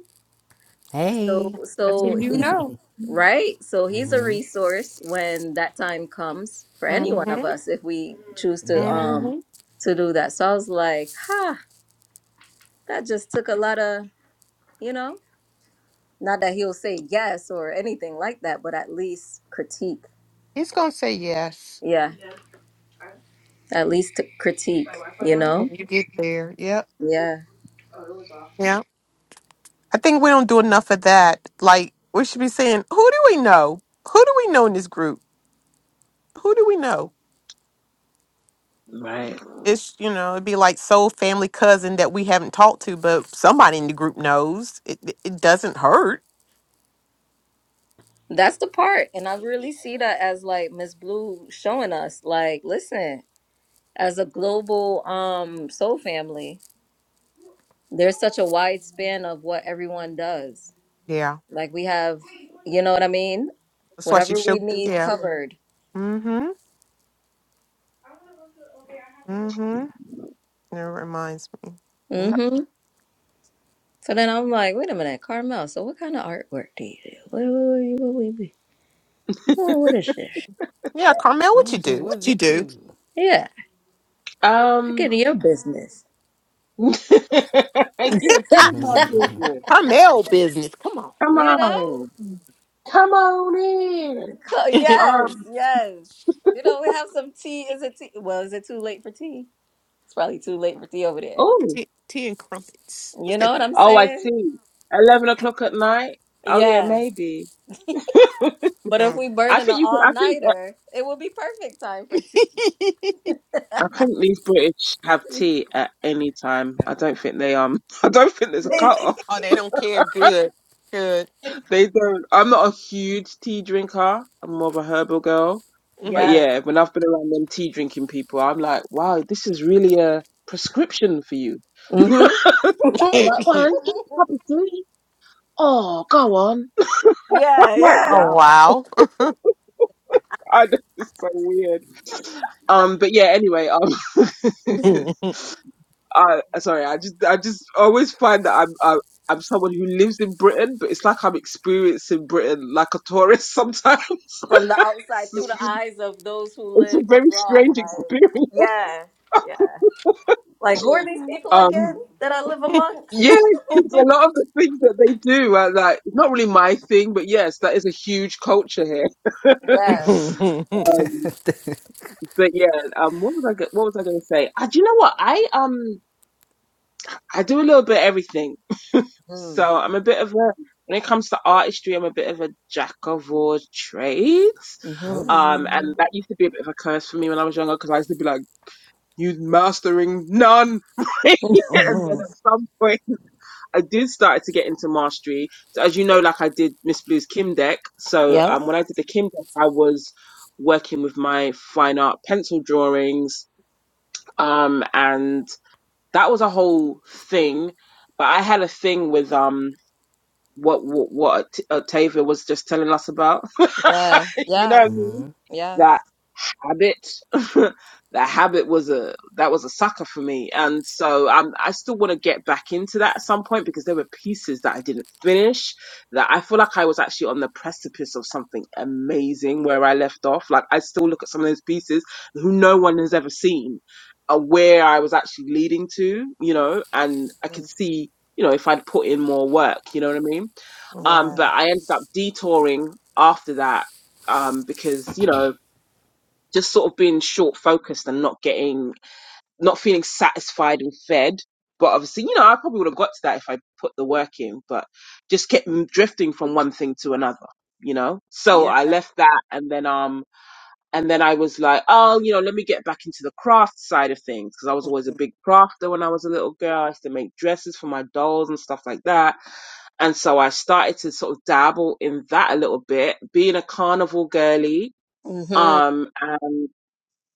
Speaker 4: So
Speaker 1: Hey.
Speaker 3: That's who
Speaker 4: so
Speaker 3: you
Speaker 4: he's
Speaker 3: know.
Speaker 4: right. So he's a
Speaker 1: Mhm.
Speaker 4: resource when that time comes for any one of
Speaker 3: Mm-hmm.
Speaker 4: us if we choose to
Speaker 3: Mm-hmm.
Speaker 1: Yeah.
Speaker 4: um to do that. So I was like, ha, that just took a lot of, you know. Not that he'll say yes or anything like that, but at least critique.
Speaker 3: He's gonna say yes
Speaker 4: Yeah, at least to critique, you
Speaker 3: when
Speaker 4: know?
Speaker 3: you get there. Yep.
Speaker 4: Yeah.
Speaker 3: Yeah. I think we don't do enough of that. Like we should be saying, who do we know? Who do we know in this group? Who do we know?
Speaker 5: right
Speaker 3: It's you know, it'd be like soul family cousin that we haven't talked to, but somebody in the group knows. It it it doesn't hurt.
Speaker 4: That's the part. And I really see that as like Miss Blue showing us, like, listen, as a global um soul family, there's such a wide span of what everyone does.
Speaker 3: Yeah.
Speaker 4: Like we have, you know what I mean?
Speaker 3: That's why she
Speaker 4: Whatever we
Speaker 3: shook
Speaker 4: need
Speaker 3: yeah.
Speaker 4: covered.
Speaker 3: Mm-hmm. Mm-hmm. It reminds me. Yeah.
Speaker 4: Mm-hmm. So then I'm like, wait a minute, Carmel, so what kind of artwork do you do? What, what, what, what, what, what is this?
Speaker 3: Yeah, Carmel, what you
Speaker 1: What you?
Speaker 3: do?
Speaker 1: What
Speaker 3: What you
Speaker 1: what
Speaker 3: do?
Speaker 1: you?
Speaker 4: Yeah, look
Speaker 5: um
Speaker 4: into your business.
Speaker 5: yeah get
Speaker 3: Ah,
Speaker 5: in my business
Speaker 3: Carmel business. Come on.
Speaker 5: come
Speaker 4: You know?
Speaker 5: on come on in
Speaker 4: Co-
Speaker 5: um
Speaker 4: Yes, yes. You know, we have some tea. Is it tea? Well, is it too late for tea? It's probably too late for tea over there.
Speaker 5: oh
Speaker 3: tea, tea and crumpets. What's
Speaker 4: You know
Speaker 3: that?
Speaker 4: what I'm
Speaker 5: oh i
Speaker 4: saying?
Speaker 5: see 11 o'clock at night oh yeah
Speaker 4: Yeah.
Speaker 5: maybe
Speaker 4: But if
Speaker 3: Oh,
Speaker 4: we burn
Speaker 5: i
Speaker 4: in an
Speaker 5: think you could
Speaker 4: all
Speaker 5: i think
Speaker 4: nighter, it will be perfect time for tea.
Speaker 5: I think these British have tea at any time. I don't think they um. I don't think there's a cut off.
Speaker 3: oh they don't care. Good. Good.
Speaker 5: They don't. I'm not a huge tea drinker. I'm more of a herbal girl. But
Speaker 3: hmm
Speaker 4: yes.
Speaker 5: yeah, when I've been around them tea drinking people, I'm like, wow, this is really a prescription for you.
Speaker 4: hmm
Speaker 5: They're like, go on, get a cup of tea. Oh, go on. I'm
Speaker 4: yeah,
Speaker 5: like,
Speaker 4: yeah.
Speaker 3: oh,
Speaker 5: wow,
Speaker 3: wow.
Speaker 5: I know, it's so weird. Um, but yeah, anyway, um,
Speaker 3: hmm
Speaker 5: I sorry, I just I just always find that I'm I, I'm someone who lives in Britain, but it's like I'm experiencing Britain like a tourist sometimes. it's,
Speaker 4: From the outside through
Speaker 5: just-
Speaker 4: the eyes of those who
Speaker 5: it's a
Speaker 4: live
Speaker 5: very
Speaker 4: abroad,
Speaker 5: strange
Speaker 4: like
Speaker 5: experience.
Speaker 4: yeah, yeah. Like, who are these people
Speaker 5: Um,
Speaker 4: again that I live amongst?
Speaker 5: yeah, because a lot of the things that they do are like not really my thing, but yes, that is a huge culture here.
Speaker 4: Yeah.
Speaker 5: Um, but yeah, um, what was I go- what was I going to say? I, do you know what I um I do a little bit of everything. So I'm a bit of a when it comes to artistry, I'm a bit of a jack of all trades.
Speaker 4: Mm-hmm.
Speaker 5: Um, and
Speaker 1: Ooh.
Speaker 5: that used to be a bit of a curse for me when I was younger because I used to be like, "You mastering none." and then at some point, I did start to get into mastery. So as you know, like I did Miss Blue's Kim deck. So
Speaker 4: Yeah.
Speaker 5: um, when I did the Kim deck, I was working with my fine art pencil drawings. Um, and that was a whole thing. But I had a thing with um what what, what Oct- Octavia was just telling us about.
Speaker 4: Yeah.
Speaker 5: you know
Speaker 4: Yeah.
Speaker 5: what I mean?
Speaker 1: Mhm.
Speaker 4: Yeah.
Speaker 5: That habit, that habit was a that was a sucker for me, and so um, I still want to get back into that at some point because there were pieces that I didn't finish that I feel like I was actually on the precipice of something amazing where I left off. Like I still look at some of those pieces who no one has ever seen, uh, where I was actually leading to, you know, and I could
Speaker 4: Mm.
Speaker 5: see, you know, if I'd put in more work, you know what I mean um,
Speaker 3: Mhm.
Speaker 4: Yeah.
Speaker 5: but I ended up detouring after that um, because, you know, just sort of being short focused and not getting, not feeling satisfied and fed. But obviously, you know, I probably would have got to that if I put the work in, but just kept m- drifting from one thing to another, you know? So
Speaker 4: Yeah.
Speaker 5: I left that and then, um, and then I was like, oh, you know, let me get back into the craft side of things because I was always a big crafter when I was a little girl. I used to make dresses for my dolls and stuff like that and so I started to sort of dabble in that a little bit, being a carnival girly,
Speaker 4: Mm-hmm.
Speaker 5: um, and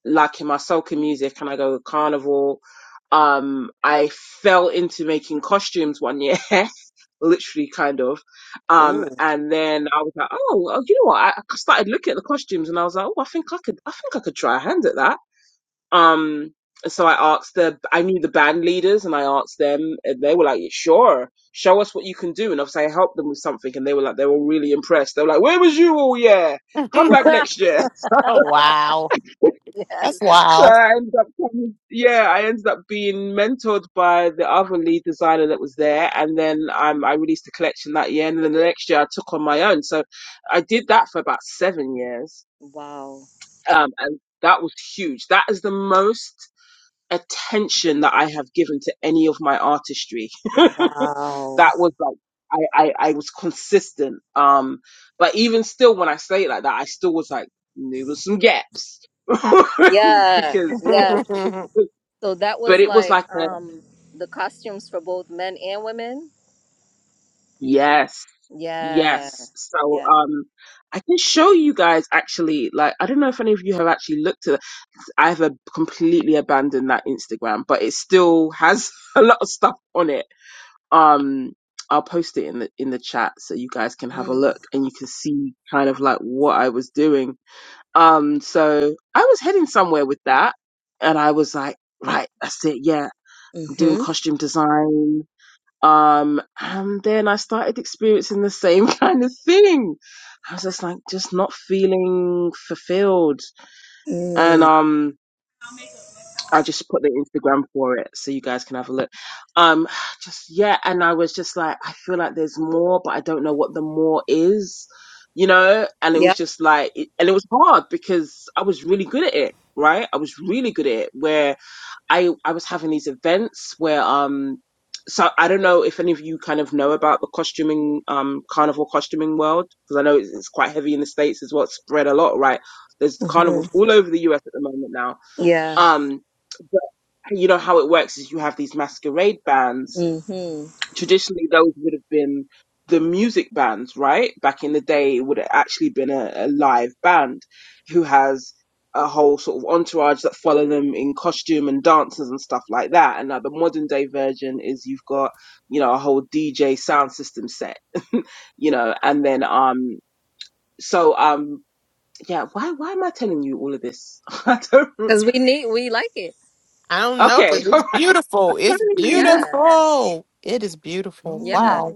Speaker 5: like in my soca music, and I go with carnival. Um, I fell into making costumes one year, literally kind of. Um,
Speaker 4: Ooh.
Speaker 5: and then I was like, oh, well, you know what? I I started looking at the costumes, and I was like, oh, I think I could, I think I could try a hand at that um, so I asked the, I knew the band leaders and I asked them and they were like, sure, show us what you can do. And obviously I helped them with something and they were like, they were really impressed. They were like, where was you all year? Come back next year.
Speaker 3: oh wow,
Speaker 4: Yes.
Speaker 3: that's
Speaker 5: So
Speaker 3: wow.
Speaker 5: I ended up, coming, yeah, I ended up being mentored by the other lead designer that was there. And then um, I released a collection that year. And then the next year I took on my own. So I did that for about seven years.
Speaker 4: Wow.
Speaker 5: Um, and that was huge. That is the most attention that I have given to any of my artistry.
Speaker 4: Wow.
Speaker 5: that was like I, I I was consistent. Um, but even still, when I say it like that, I still was like there was some gaps
Speaker 4: Yeah.
Speaker 5: because.
Speaker 4: Yeah. So that
Speaker 5: But
Speaker 4: was
Speaker 5: it was
Speaker 4: like
Speaker 5: like a
Speaker 4: um the costumes for both men and women.
Speaker 5: yes,
Speaker 4: Yeah.
Speaker 5: yes. So
Speaker 4: Yeah.
Speaker 5: um, I can show you guys actually. Like I don't know if any of you have actually looked at. it. I've uh, completely abandoned that Instagram, but it still has a lot of stuff on it um I'll post it in the in the chat so you guys can have a
Speaker 4: Mm.
Speaker 5: look and you can see kind of like what I was doing. Um so I was heading somewhere with that and I was like, right, that's it, yeah, I'm doing
Speaker 4: Mhm.
Speaker 5: costume design. Um and then I started experiencing the same kind of thing. I was just like just not feeling fulfilled. And
Speaker 4: Mm.
Speaker 5: um I'll just put the Instagram for it so you guys can have a look. Um, just yeah, and I was just like, I feel like there's more, but I don't know what the more is, you know. And it was
Speaker 4: Yeah.
Speaker 5: just like, it- and it was hard because I was really good at it, right? I was really good at it. Where I I was having these events where um, so I don't know if any of you kind of know about the costuming um carnival costuming world because I know it's, it's quite heavy in the states as well, it's spread a lot, right? There's carnivals
Speaker 4: Mhm.
Speaker 5: all over the U.S. at the moment now.
Speaker 4: Yeah.
Speaker 5: Um you know how it works is you have these masquerade bands.
Speaker 4: Mhm.
Speaker 5: Traditionally, those would have been the music bands, right? Back in the day, it would have actually been a, a live band who has a whole sort of entourage that follow them in costume and dances and stuff like that. And now the modern day version is you've got, you know, a whole DJ sound system set, you know, and then um, so um, yeah. Why why am I telling you all of this? I don't.
Speaker 4: Cuz we need we like it.
Speaker 3: I don't know, but
Speaker 5: Okay, all
Speaker 3: it's
Speaker 5: right.
Speaker 3: beautiful.
Speaker 5: I can't
Speaker 3: It's
Speaker 5: even
Speaker 4: Yeah.
Speaker 5: remember.
Speaker 3: beautiful. It is beautiful.
Speaker 4: Yeah.
Speaker 3: Wow.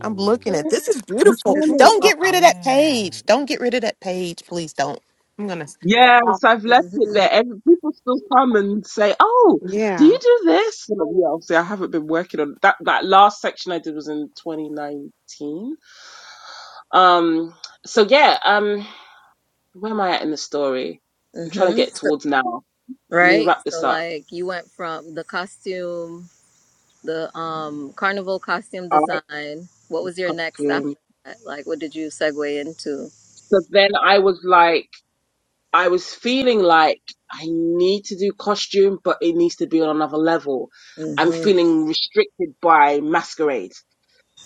Speaker 3: I'm looking at this is
Speaker 5: I'm
Speaker 3: beautiful.
Speaker 5: trying to.
Speaker 3: Don't get rid of that
Speaker 1: Yeah.
Speaker 3: page. Don't get rid of that page. Please don't. I'm gonna
Speaker 5: Yes, I've left it
Speaker 4: Mm-hmm.
Speaker 5: there. Every, people still come and say, "Oh, do you
Speaker 3: Yeah.
Speaker 5: do this?" And I'm, yeah, obviously, I haven't been working on that. That last section I did was in 2019. Um, so yeah, um, where am I at in the story? I'm trying
Speaker 4: hmm
Speaker 5: to get towards now. Let me
Speaker 4: Right?
Speaker 5: wrap
Speaker 4: So
Speaker 5: this up.
Speaker 4: like you went from the costume, the um carnival costume
Speaker 5: Art,
Speaker 4: design. What was your next after
Speaker 5: costume.
Speaker 4: that? Like what did you segue into?
Speaker 5: So then I was like, I was feeling like I need to do costume, but it needs to be on another level. I'm
Speaker 4: Mm-hmm.
Speaker 5: feeling restricted by masquerade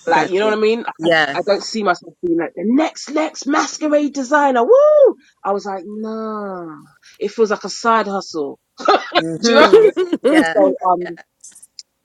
Speaker 5: Like,
Speaker 4: Got
Speaker 5: you know what
Speaker 4: you.
Speaker 5: I mean? I,
Speaker 4: Yeah.
Speaker 5: I don't see myself being like the next, next masquerade designer. Woo! I was like, nah, it feels like a side hustle. Do you know?
Speaker 4: Mm-hmm.
Speaker 5: And
Speaker 4: Yeah.
Speaker 5: so, um,
Speaker 4: Yeah.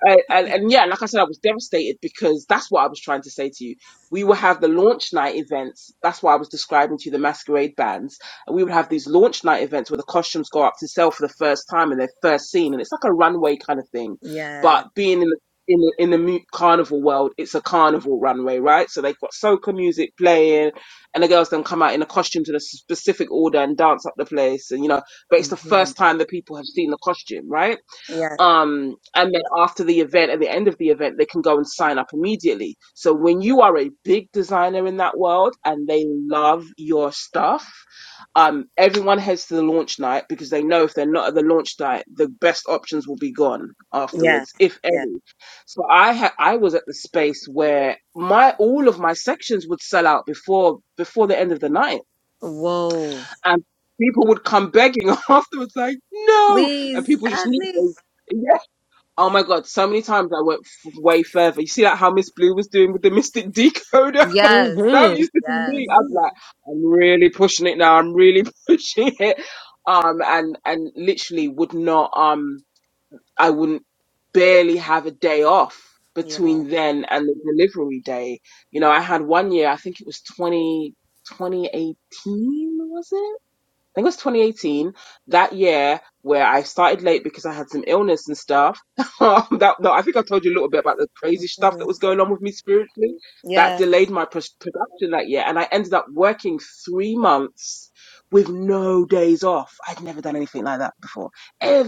Speaker 5: and, and, and yeah, like I said, I was devastated because that's what I was trying to say to you. We would have the launch night events. That's why I was describing to you the masquerade bands. And we would have these launch night events where the costumes go up to sell for the first time and they're first seen. And it's like a runway kind of thing.
Speaker 4: Yeah.
Speaker 5: But being in the in the, in the mu- carnival world, it's a carnival runway, right? So they've got soca music playing, and the girls then come out in the costumes in a specific order and dance up the place, and you know. But it's the
Speaker 4: Mm-hmm.
Speaker 5: first time that people have seen the costume, right?
Speaker 4: Yeah.
Speaker 5: um, and then after the event, at the end of the event, they can go and sign up immediately. So when you are a big designer in that world and they love your stuff, um, everyone heads to the launch night because they know if they're not at the launch night, the best options will be gone
Speaker 4: Yeah.
Speaker 5: afterwards, if
Speaker 4: Yeah.
Speaker 5: any. So I ha- I was at the space where my all of my sections would sell out before before the end of the night,
Speaker 4: Whoa.
Speaker 5: and people would come begging afterwards, like no, and
Speaker 4: Please
Speaker 5: people just
Speaker 4: add
Speaker 5: knew
Speaker 4: me.
Speaker 5: they. Oh my god, so many times I went f- way further. You see, like how Miss Blue was doing with the Mystic Decoder? Like,
Speaker 4: Yes.
Speaker 5: that
Speaker 3: mm-hmm.
Speaker 5: used to be
Speaker 4: Yes.
Speaker 5: me. I'm like, I'm really pushing it now. I'm really pushing it. Um, and, and literally would not, um, I wouldn't barely have a day off
Speaker 4: Yeah.
Speaker 5: between then and the delivery day. You know, I had one year, I think it was 20 2018. was it? think it was 2018 that year where I started late because I had some illness and stuff. Um, that no, I think I told you a little bit about the crazy stuff that
Speaker 4: Mhm.
Speaker 5: was going on with me spiritually. That
Speaker 4: Yeah.
Speaker 5: delayed my pros- production that year, and I ended up working three months with no days off. I'd never done anything like that before.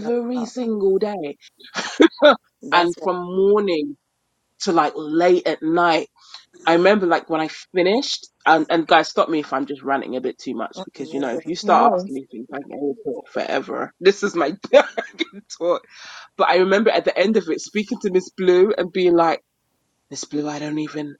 Speaker 4: That's wow.
Speaker 5: single day, and
Speaker 4: That's wow.
Speaker 5: from morning to like late at night I remember like when I finished, and, and guys, stop me if I'm just ranting a bit too much because you know if you
Speaker 4: Mm-hmm.
Speaker 5: start
Speaker 3: No.
Speaker 5: asking me things, I can only talk forever. This is my I can talk. But I remember at the end of it speaking to Miss Blue and being like, Miss Blue, I don't even,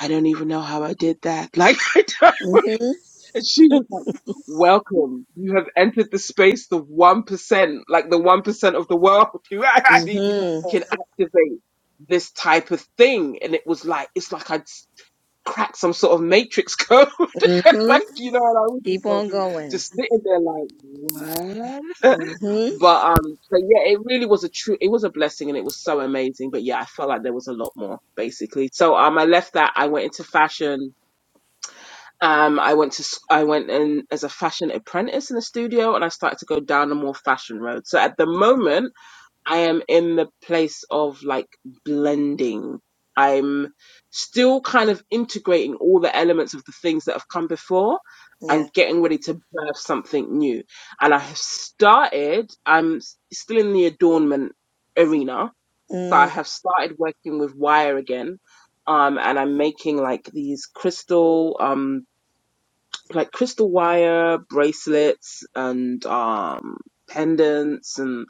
Speaker 5: I don't even know how I did that. Like, I don't-
Speaker 4: mm-hmm.
Speaker 5: and she was like, Welcome, you have entered the space, the one percent, like the one percent of the world who actually
Speaker 4: Mhm.
Speaker 5: can activate this type of thing. And it was like, it's like I cracked some sort of matrix code.
Speaker 4: Mhm.
Speaker 5: like, you know, and I was just
Speaker 4: Keep
Speaker 5: like,
Speaker 4: on going.
Speaker 5: just sitting there like, what?
Speaker 4: Mhm.
Speaker 5: But, um, but yeah, it really was a true, it was a blessing and it was so amazing. But yeah, I felt like there was a lot more basically. So, um, I left that. I went into fashion. Um, I went to, s- I went in as a fashion apprentice in the studio and I started to go down the more fashion road. So at the moment, I am in the place of like blending. I'm still kind of integrating all the elements of the things that have come before
Speaker 4: Yeah.
Speaker 5: and getting ready to birth something new. And I have started, I'm s- still in the adornment arena. So I
Speaker 4: Mm,
Speaker 5: have started working with wire again. Um, and I'm making like these crystal, um like crystal wire bracelets and um pendants and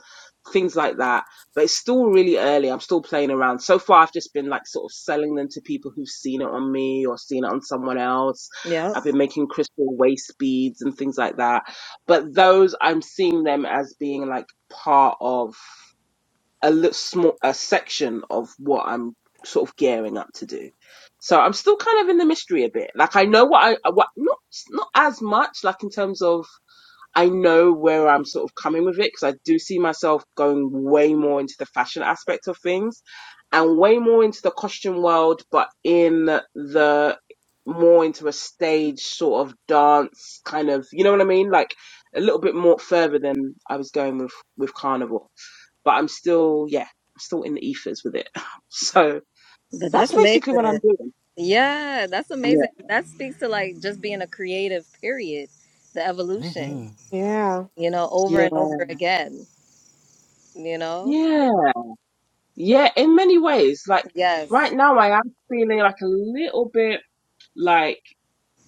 Speaker 5: things like that but it's still really early i'm still playing around so far i've just been like sort of selling them to people who've seen it on me or seen it on someone else
Speaker 4: yep.
Speaker 5: i've been making crystal waist beads and things like that but those i'm seeing them as being like part of a little small a section of what I'm sort of gearing up to do. So I'm still kind of in the mystery a bit. Like I know what I what not not as much like in terms of I know where I'm sort of coming with it because I do see myself going way more into the fashion aspect of things and way more into the costume world, but in the more into a stage sort of dance kind of, you know what I mean? Like a little bit more further than I was going with, with carnival, but I'm still, yeah, I'm still in the ethers with it. So
Speaker 4: But
Speaker 5: that's
Speaker 4: that's
Speaker 5: basically what
Speaker 4: amazing.
Speaker 5: I'm doing.
Speaker 4: Yeah, that's amazing.
Speaker 5: Yeah.
Speaker 4: That speaks to like just being a creative period, the evolution,
Speaker 1: Mhm.
Speaker 3: Yeah.
Speaker 4: you know, over
Speaker 5: Yeah.
Speaker 4: and over again, you know?
Speaker 5: Yeah. Yeah, in many ways. Like
Speaker 4: Yes.
Speaker 5: right now, I am feeling like a little bit like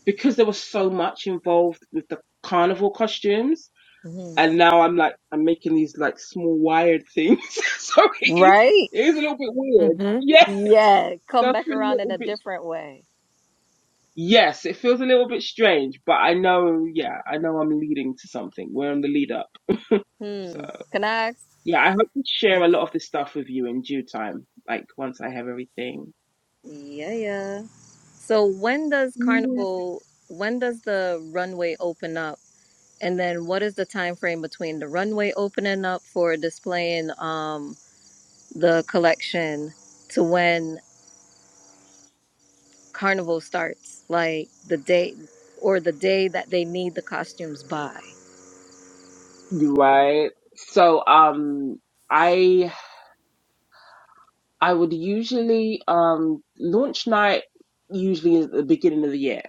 Speaker 5: because there was so much involved with the carnival costumes,
Speaker 4: hmm
Speaker 5: and now I'm like I'm making these like small wired things. so it is
Speaker 4: Right?
Speaker 5: it is a little bit weird.
Speaker 3: Mm-hmm.
Speaker 5: Yeah, it
Speaker 4: Yeah, come
Speaker 5: does
Speaker 4: back
Speaker 5: feel a
Speaker 4: around in
Speaker 5: little
Speaker 4: a
Speaker 5: bit.
Speaker 4: different way.
Speaker 5: Yes, it feels a little bit strange, but I know. Yeah, I know I'm leading to something. We're on the lead up. So
Speaker 4: Hmm. Can I ask?
Speaker 5: yeah, I hope to share a lot of this stuff with you in due time, like once I have everything.
Speaker 4: Yeah, yeah. So when does carnival when does the runway open up And then what is the time frame between the runway opening up for displaying um the collection to when carnival starts? Like the day or the day that they need the costumes by.
Speaker 5: Right. So um I I would usually um launch night usually is at the beginning of the year.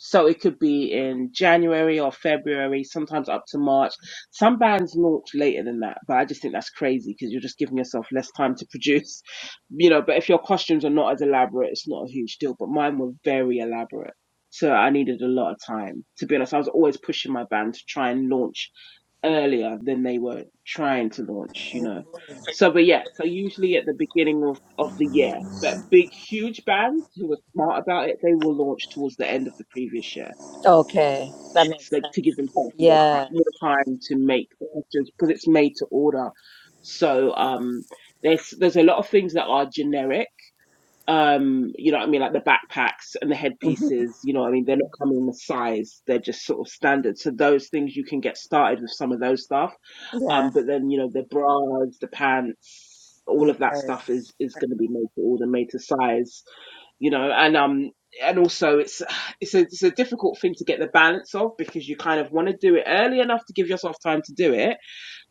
Speaker 5: So it could be in January or February, sometimes up to March. Some bands launch later than that, but I just think that's crazy because you're just giving yourself less time to produce, you know. But if your costumes are not as elaborate, it's not a huge deal. But mine were very elaborate, so I needed a lot of time. To be honest, I was always pushing my band to try and launch earlier than they were trying to launch, you know. So, but yeah, so usually at the beginning of, of the year, but big, huge bands who are smart about it, they will launch towards the end of the previous year.
Speaker 4: Okay, that
Speaker 5: It's
Speaker 4: makes
Speaker 5: like to give
Speaker 4: sense.
Speaker 5: themselves more time,
Speaker 4: Yeah.
Speaker 5: more time to make the questions because it's made to order. So, um, there's, there's a lot of things that are generic um you know what i mean like the backpacks and the
Speaker 4: hmm
Speaker 5: headpieces you know what i mean they're not coming in the size they're just sort of standard so those things you can get started with some of those stuff
Speaker 4: Yeah.
Speaker 5: um but then you know the bras the pants all of that
Speaker 4: Right.
Speaker 5: stuff is is going to be made to order made to size you know and um and also it's it's a, it's a difficult thing to get the balance of because you kind of want to do it early enough to give yourself time to do it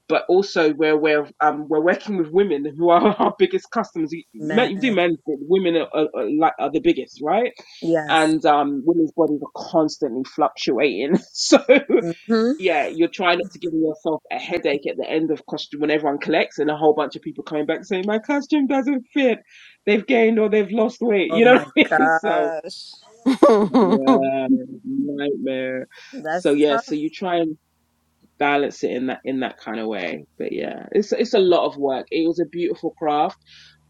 Speaker 5: but also we're aware of um, we're working with women who are our biggest customers. You, men, you do
Speaker 4: Man.
Speaker 5: men, but women are, are, are like are the biggest, right?
Speaker 4: Yes.
Speaker 5: And um, women's bodies are constantly fluctuating. So
Speaker 4: hmm
Speaker 5: yeah, you're trying not to give yourself a headache at the end of costume when everyone collects and a whole bunch of people coming back saying my costume doesn't fit. They've gained or they've lost weight.
Speaker 4: Oh
Speaker 5: You know what
Speaker 4: my
Speaker 5: I mean? So
Speaker 4: gosh.
Speaker 5: yeah, nightmare. So
Speaker 4: That's
Speaker 5: yeah, so
Speaker 4: tough.
Speaker 5: you try and balance it in that in that kind of way. But yeah, it's it's a lot of work. It was a beautiful craft,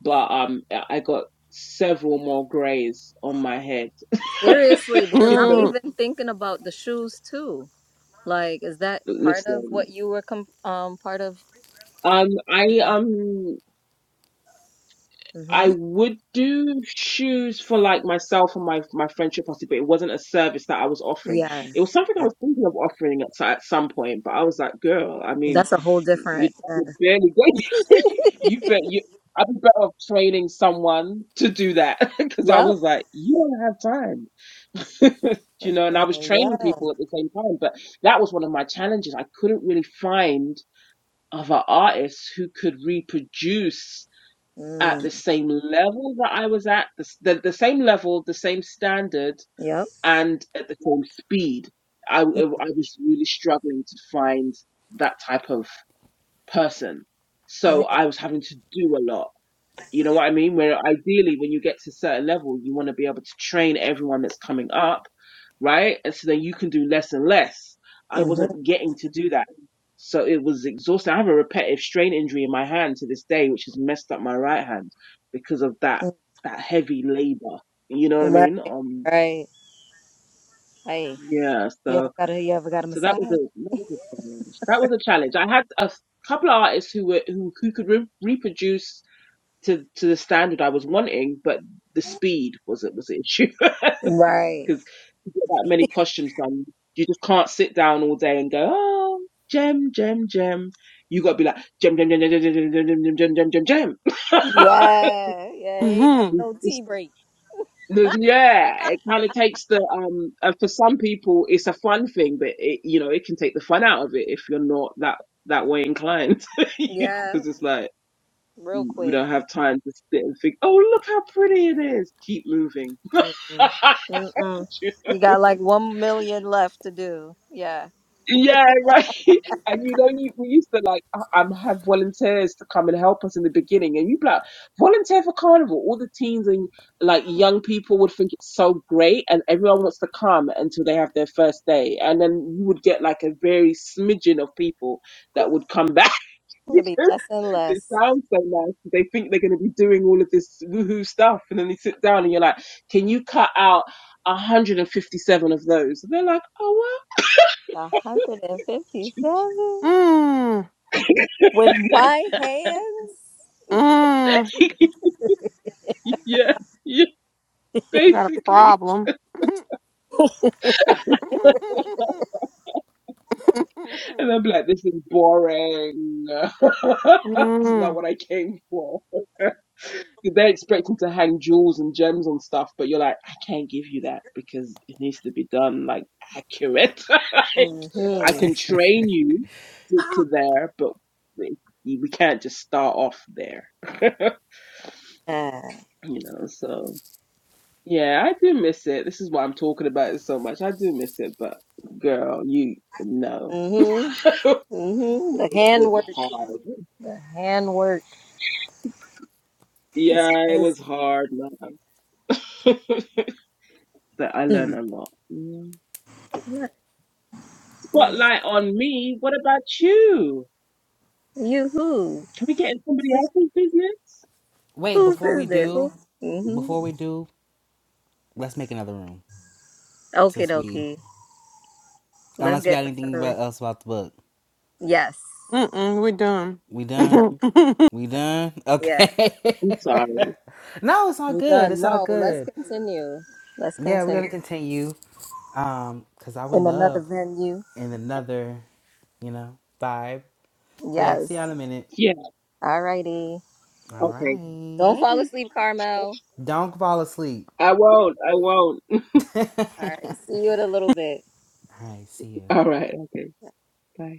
Speaker 5: but um, I got several more grays on my head.
Speaker 4: Seriously, because
Speaker 5: you
Speaker 4: I'm
Speaker 5: know,
Speaker 3: mm-hmm.
Speaker 4: even Thinking about the shoes too. Like, is that part of
Speaker 5: listen,
Speaker 4: what you were com um part of?
Speaker 5: um, I um. I
Speaker 4: Mm-hmm.
Speaker 5: would do shoes for like myself and my my friendship party, but it wasn't a service that I was offering.
Speaker 4: Yeah.
Speaker 5: It was something I
Speaker 4: Yeah.
Speaker 5: was thinking of offering at, at some point, but I was like, girl, I mean,
Speaker 4: That's a whole
Speaker 5: you,
Speaker 4: different. Yeah.
Speaker 5: you barely get you bet you. I'd be better off training someone to do that because I
Speaker 4: Yep.
Speaker 5: was like, you don't have time. Do
Speaker 4: For
Speaker 5: you know, and I
Speaker 4: sure.
Speaker 5: was training
Speaker 4: Yeah.
Speaker 5: people at the same time, but that was one of my challenges. I couldn't really find other artists who could reproduce at
Speaker 4: Mm.
Speaker 5: the same level that I was at, the, the, the same level, the same standard,
Speaker 4: Yep.
Speaker 5: and at the same speed. I I was really struggling to find that type of person.
Speaker 4: Yeah.
Speaker 5: So I was having to do a lot you know what I mean? Where ideally, when you get to a certain level, you want to be able to train everyone that's coming up, right? And so then you can do less and less. I
Speaker 4: Mm-hmm.
Speaker 5: wasn't getting to do that. So it was exhausting. I have a repetitive strain injury in my hand to this day, which has messed up my right hand because of that
Speaker 4: Mm,
Speaker 5: that heavy labor. You know what I mean?
Speaker 4: Right.
Speaker 5: Um,
Speaker 4: Right. Hey,
Speaker 5: yeah.
Speaker 4: you ever
Speaker 5: So
Speaker 4: got a you ever got a
Speaker 5: so that was a
Speaker 4: massage?
Speaker 5: that was a challenge. That was a challenge. I had a couple of artists who were who who could re- reproduce to to the standard I was wanting, but the speed was it was the issue
Speaker 4: Right.
Speaker 5: because to get that many costumes done, you just can't sit down all day and go, oh, gem, gem, gem. You got to be like gem, gem, gem, gem, gem, gem, gem, gem, gem, gem, gem, gem.
Speaker 4: Yeah. Yeah. He ain't have no
Speaker 5: It's-
Speaker 4: tea break.
Speaker 5: yeah, it kind of takes the um. And for some people, it's a fun thing, but it, you know, it can take the fun out of it if you're not that that way inclined
Speaker 4: Yeah.
Speaker 5: because it's like
Speaker 4: Real
Speaker 5: We
Speaker 4: quick.
Speaker 5: don't have time to sit and think, oh, look how pretty it is. Keep moving.
Speaker 4: Mm-mm. Mm-mm. You got like one million left to do. Yeah.
Speaker 5: Yeah, right. And you know, you, we used to like uh, um have volunteers to come and help us in the beginning, and you'd be like, volunteer for carnival. All the teens and like young people would think it's so great, and everyone wants to come until they have their first day, and then you would get like a very smidgen of people that would come back
Speaker 4: It'll be
Speaker 5: because
Speaker 4: less and
Speaker 5: It
Speaker 4: less.
Speaker 5: sounds so nice. They think they're going to be doing all of this woohoo stuff, and then they sit down and you're like, "Can you cut out 157 of those?" And they're like, "Oh
Speaker 4: 157
Speaker 3: Mm.
Speaker 4: with my hands.
Speaker 3: Mm.
Speaker 5: well, yeah, yeah,
Speaker 3: We got a
Speaker 5: basically."
Speaker 3: problem.
Speaker 5: And I'm like, "This is boring. it's not
Speaker 3: mm.
Speaker 5: what I came for." They're expecting to hang jewels and gems on stuff, but you're like, I can't give you that because it needs to be done like accurate. like, I
Speaker 4: Mhm.
Speaker 5: can train you to, to there, but we we can't just start off there.
Speaker 4: Yeah.
Speaker 5: you know, so yeah, I do miss it. This is why I'm talking about it so much. I do miss it, but girl, you no,
Speaker 4: Mhm.
Speaker 5: it
Speaker 4: Mhm. The
Speaker 5: was
Speaker 4: handwork.
Speaker 5: hard.
Speaker 4: The handwork is
Speaker 5: Yeah, it
Speaker 4: crazy.
Speaker 5: was hard, man. but I learned
Speaker 4: Mm.
Speaker 5: a lot. Yeah.
Speaker 4: Nice, nice.
Speaker 5: spotlight on me. What about you?
Speaker 4: You who?
Speaker 5: Can we get in somebody
Speaker 4: Who's
Speaker 5: else's business?
Speaker 1: Wait.
Speaker 4: Whose
Speaker 1: Before we
Speaker 4: business?
Speaker 1: do,
Speaker 4: Who? Mhm.
Speaker 1: before we do, let's make another room.
Speaker 4: Okay,
Speaker 1: Since we,
Speaker 4: dokie. Let's
Speaker 1: unless we
Speaker 4: get
Speaker 1: got anything
Speaker 4: another.
Speaker 1: about, else about the book,
Speaker 4: Yes.
Speaker 3: Mm-mm, we're done.
Speaker 1: we
Speaker 4: We
Speaker 1: done.
Speaker 4: done.
Speaker 1: We done.
Speaker 4: Yeah.
Speaker 1: Okay.
Speaker 5: I'm sorry.
Speaker 1: no, it's all
Speaker 4: We
Speaker 1: good.
Speaker 4: done.
Speaker 1: It's all
Speaker 4: No. Let's
Speaker 1: good.
Speaker 4: continue. Let's
Speaker 1: yeah, we're gonna
Speaker 4: continue
Speaker 1: continue. Um, cause I would
Speaker 4: in another
Speaker 1: love
Speaker 4: venue.
Speaker 1: in another, you know, vibe. So yeah, see y'all in
Speaker 4: Yes.
Speaker 1: a minute.
Speaker 5: Yeah.
Speaker 4: Alrighty.
Speaker 1: All
Speaker 5: Okay.
Speaker 1: right.
Speaker 4: Don't fall
Speaker 5: Bye.
Speaker 4: asleep, Carmel.
Speaker 1: Don't fall asleep.
Speaker 5: I won't. I won't.
Speaker 4: All right. See you in a little bit.
Speaker 1: All right, see you.
Speaker 5: All right. Okay. Bye.